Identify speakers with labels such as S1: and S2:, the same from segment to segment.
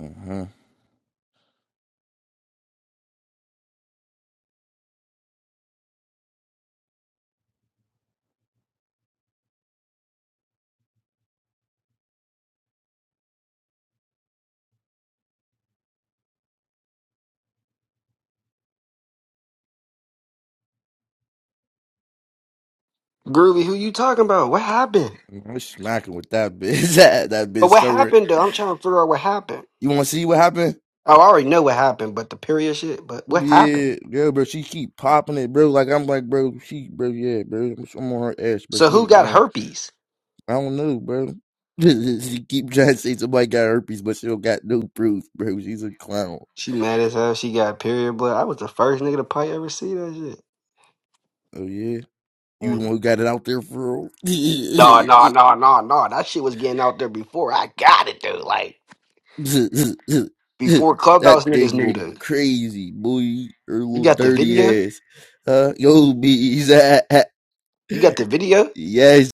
S1: Uh-huh.
S2: Groovy, who you talking about? What happened?
S1: I'm smacking with that bitch. that that
S2: But
S1: bitch
S2: what
S1: summer.
S2: happened though? I'm trying to figure out what happened.
S1: You want to see what happened?
S2: Oh, I already know what happened, but the period shit. But what happened?
S1: Yeah, yeah, bro. She keep popping it, bro. Like I'm like, bro. She, bro. Yeah, bro. I'm on her ass, bro.
S2: So
S1: She
S2: who
S1: need to get
S2: got
S1: her.
S2: herpes?
S1: I don't know, bro. she keep trying to say somebody got herpes, but she don't got no proof, bro. She's a clown.
S2: She mad as hell. She got period blood. I was the first nigga to probably ever see that shit.
S1: Oh yeah, you
S2: On
S1: the one
S2: the
S1: who got it out there for real?
S2: no, no, no, no, no. That shit was getting out there before I got it, dude. Like
S1: that
S2: before clubhouse niggas
S1: thing
S2: knew
S1: look
S2: that.
S1: crazy, boy. Her
S2: You
S1: little
S2: got the video.
S1: dirty ass. Huh? Yo, bees.
S2: You got the video.
S1: Yes,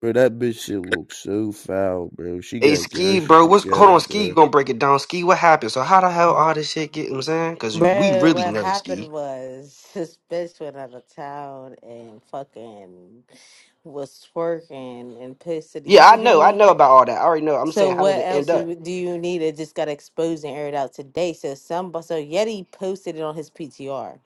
S1: bro. That bitch shit looks so foul, bro. She
S2: Hey,
S1: got girl
S2: Ski,
S1: shit
S2: bro, what's hold
S1: together,
S2: on? Ski
S1: bro.
S2: gonna break it down. Ski, what happened? So how the hell all this shit get? You know what I'm saying, cause we
S3: Bro,
S2: really
S3: what
S2: know Ski.
S3: happened was this bitch went out of town and fucking was twerking and pissed at the-
S2: Yeah,
S3: you.
S2: I
S3: can hear
S2: know. I know
S3: me?
S2: about all that. I already know. I'm
S3: So
S2: saying, how did
S3: what
S2: it
S3: else
S2: end up?
S3: do do you need? It just got exposed and aired out today. So some so Yeti posted it on his PTR.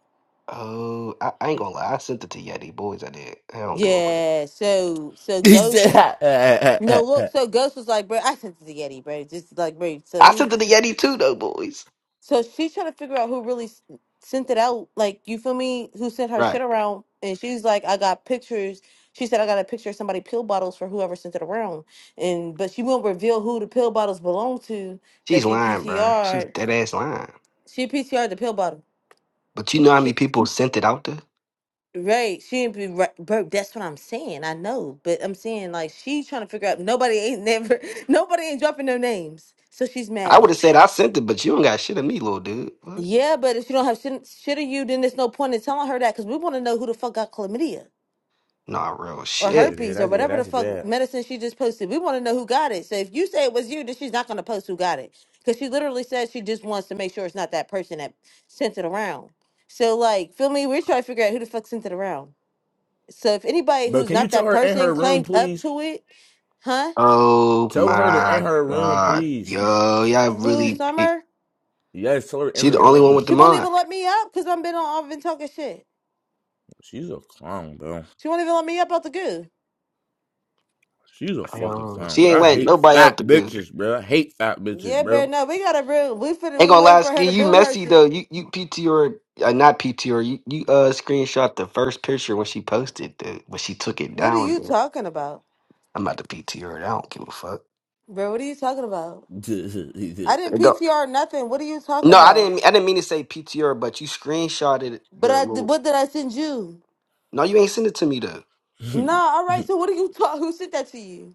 S2: Oh, I, I ain't gonna lie. I sent it to Yeti boys. I did. I don't give a. bro.
S3: Yeah. So so
S1: He said,
S3: Ghost
S1: yeah,
S3: no look. So Ghost was like, bro, I sent it to Yeti, bro. Just like, bro. So
S2: I
S3: who?
S2: sent it to Yeti too, though, boys.
S3: So she's trying to figure out who really s- sent it out. Like, you feel me? Who sent her shit
S2: Right.
S3: around? And she's like, I got pictures. She said, I got a picture of somebody pill bottles for whoever sent it around. And but she won't reveal who the pill bottles belong to. That
S2: She's
S3: she
S2: lying, bro. She's
S3: PTR'd.
S2: dead ass lying.
S3: She PTR'd the pill bottle.
S2: But you know how many
S3: She
S2: people sent it out there?
S3: right. She didn't be right, bro. That's what I'm saying. I know, but I'm saying like she's trying to figure out. Nobody ain't never. Nobody ain't dropping no names. So she's
S2: I
S3: mad.
S2: would have said I sent it, but you don't got shit of me, little dude. What?
S3: Yeah, but if you don't have shit, shit of you, then there's no point in telling her that because we want to know who the fuck got chlamydia
S2: Nah, real
S3: or
S2: shit.
S1: yeah,
S3: herpes or
S1: that's yeah,
S3: whatever the
S1: that's
S3: fuck
S1: bad.
S3: medicine she just posted. We want to know who got it. So if you say it was you, then she's not going to post who got it because she literally says she just wants to make sure it's not that person that sent it around. So like, feel me? We're trying to figure out who the fuck sent it around. So if anybody
S1: But
S3: who's
S1: can you
S3: not
S1: tell
S3: that
S1: her in
S3: person
S1: her room,
S3: claimed up
S1: please?
S3: to it, huh?
S2: Oh
S1: Tell her to in
S2: my
S1: her room,
S2: god,
S1: please.
S2: yo, y'all
S3: Who
S2: really. pick-
S3: summer?
S1: Yes, tell her in
S2: She the
S1: the
S2: only one with
S1: room.
S2: the
S3: She won't
S2: mod.
S3: even let me up because I've been on. I've been talking shit.
S1: She's a clown, bro.
S3: She won't even let me up out the goo.
S1: She's a fucking
S2: Oh,
S1: clown,
S2: she
S1: bro.
S2: ain't
S1: I
S2: letting
S1: hate
S2: nobody else
S1: fat
S2: to be.
S1: bitches, bro. I hate fat bitches,
S3: Yeah, bro.
S1: bro.
S3: No, we gotta real. We finna.
S2: Ain't
S3: We
S2: gonna
S3: wait
S2: lie,
S3: for her
S2: Ski,
S3: to
S2: you
S3: boom her
S2: messy though.
S3: shit.
S2: You you PTR uh, not PTR. You you uh screenshot the first picture when she posted the when she took it
S3: What are
S2: down.
S3: you
S2: There,
S3: talking about,
S2: I'm about to PTR. It. I don't give a fuck.
S3: bro? What are you talking about?
S1: and then
S3: I didn't
S2: It don't-
S3: PTR nothing. What are you talking
S2: No, I
S3: about?
S2: didn't. I didn't mean to say PTR, but you screenshotted
S3: But
S2: the
S3: I.
S2: little.
S3: What did I send you?
S2: No, you ain't send it to me though.
S3: Nah. All right. So what are you talk? Who sent that to you?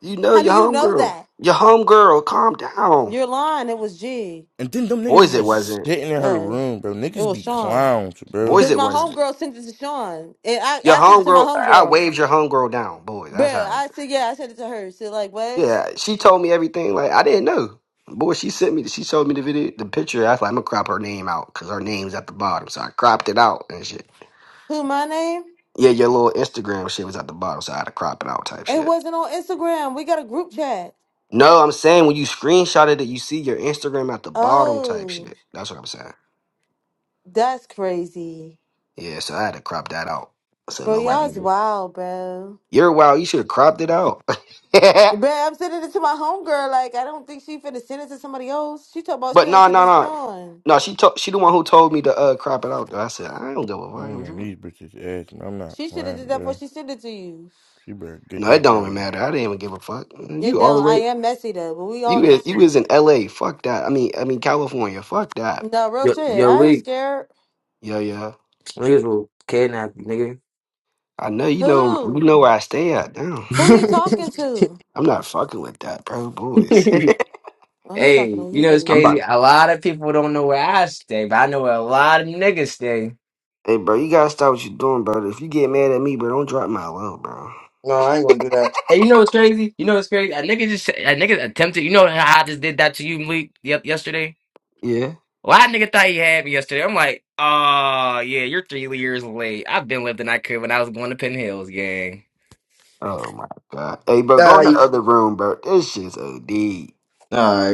S2: You know
S3: How do
S2: your
S3: you know
S2: homegirl.
S3: that?
S2: Your homegirl. Calm down,
S3: You're lying. It was G.
S1: them niggas is
S2: boys. It
S1: just
S2: wasn't
S1: sitting in her
S3: Uh,
S1: room, bro.
S3: it
S1: Niggas
S3: was
S1: be
S3: Sean.
S1: clowns, bro.
S2: boys.
S3: Cause
S2: It
S3: my
S2: wasn't
S3: homegirl sent it to Sean, and I
S2: your
S3: I sent it to my
S2: homegirl. I
S3: homegirl.
S2: waved your homegirl down, boy.
S3: Bro,
S2: That's how.
S3: I said yeah. I sent it to her. She like what?
S2: Yeah, she told me everything. Like I didn't know. Boy, she sent me. She showed me the video, the picture. I was like, I'm gonna crop her name out because her name's at the bottom. So I cropped it out and shit.
S3: Who my name?
S2: Yeah, your little Instagram shit was at the bottom, so I had to crop it out type
S3: It
S2: shit.
S3: wasn't on Instagram. We got a group chat.
S2: No, I'm saying when you screenshotted it, you see your Instagram at the bottom type
S3: Oh.
S2: shit. That's what I'm saying.
S3: That's crazy.
S2: Yeah, so I had to crop that out so
S3: Bro,
S2: nobody.
S3: y'all's
S2: knew.
S3: wild, bro.
S2: You're wild. You should have cropped it out.
S3: Bro,
S2: but
S3: I'm sending it to my homegirl. Like, I don't think she finna send it to somebody else. She talking about she only
S2: no,
S3: sent it
S2: no,
S3: to
S2: no,
S3: Sean.
S2: no. She told. She the one who told me to uh crop it out. Though I said I don't give
S1: I'm
S2: a
S1: on
S2: fuck.
S1: these bitches' ass, and I'm not
S3: She should have
S1: playing,
S3: did that before
S1: bro.
S3: she sent it to you.
S1: She better get
S2: No,
S1: her
S2: it don't even
S1: ass.
S2: matter. I didn't even give a fuck.
S3: It
S2: You
S3: don't. I
S2: already
S3: am messy though, but we all
S2: you is
S3: messy.
S2: you is in LA. Fuck that. I mean I mean California. Fuck that.
S3: No, real
S4: Yo,
S3: shit.
S4: yo,
S3: I ain't
S4: we
S3: scared.
S2: Yeah, yeah.
S4: niggas will kidnap you,
S2: I know you know you
S3: Who?
S2: know where I stay at. Damn.
S3: Who he talking
S4: nigga.
S3: to?
S2: I'm not fucking with that, bro. Boys.
S3: Oh, he
S4: hey,
S3: talking to
S4: you
S3: you,
S4: know it's
S2: I'm
S3: Getty.
S2: about
S4: crazy. A lot of people don't know where I stay, but I know where a lot of niggas stay.
S2: Hey bro, you gotta stop what you're doing, bro. If you get mad at me, bro, don't drop my low, bro.
S4: No, I ain't gonna do that. Hey, you know what's crazy? You know what's crazy? A nigga just a nigga attempted. You know how I just did that to you, Malik, yep, yesterday.
S2: Yeah?
S4: Well, that nigga thought he had me yesterday. I'm like, oh yeah, you're three years late. I've been living I could when I was going to Penn Hills, gang.
S2: Oh my god. Hey bro,
S4: All
S2: go in the other room, bro. This shit's OD.
S4: right.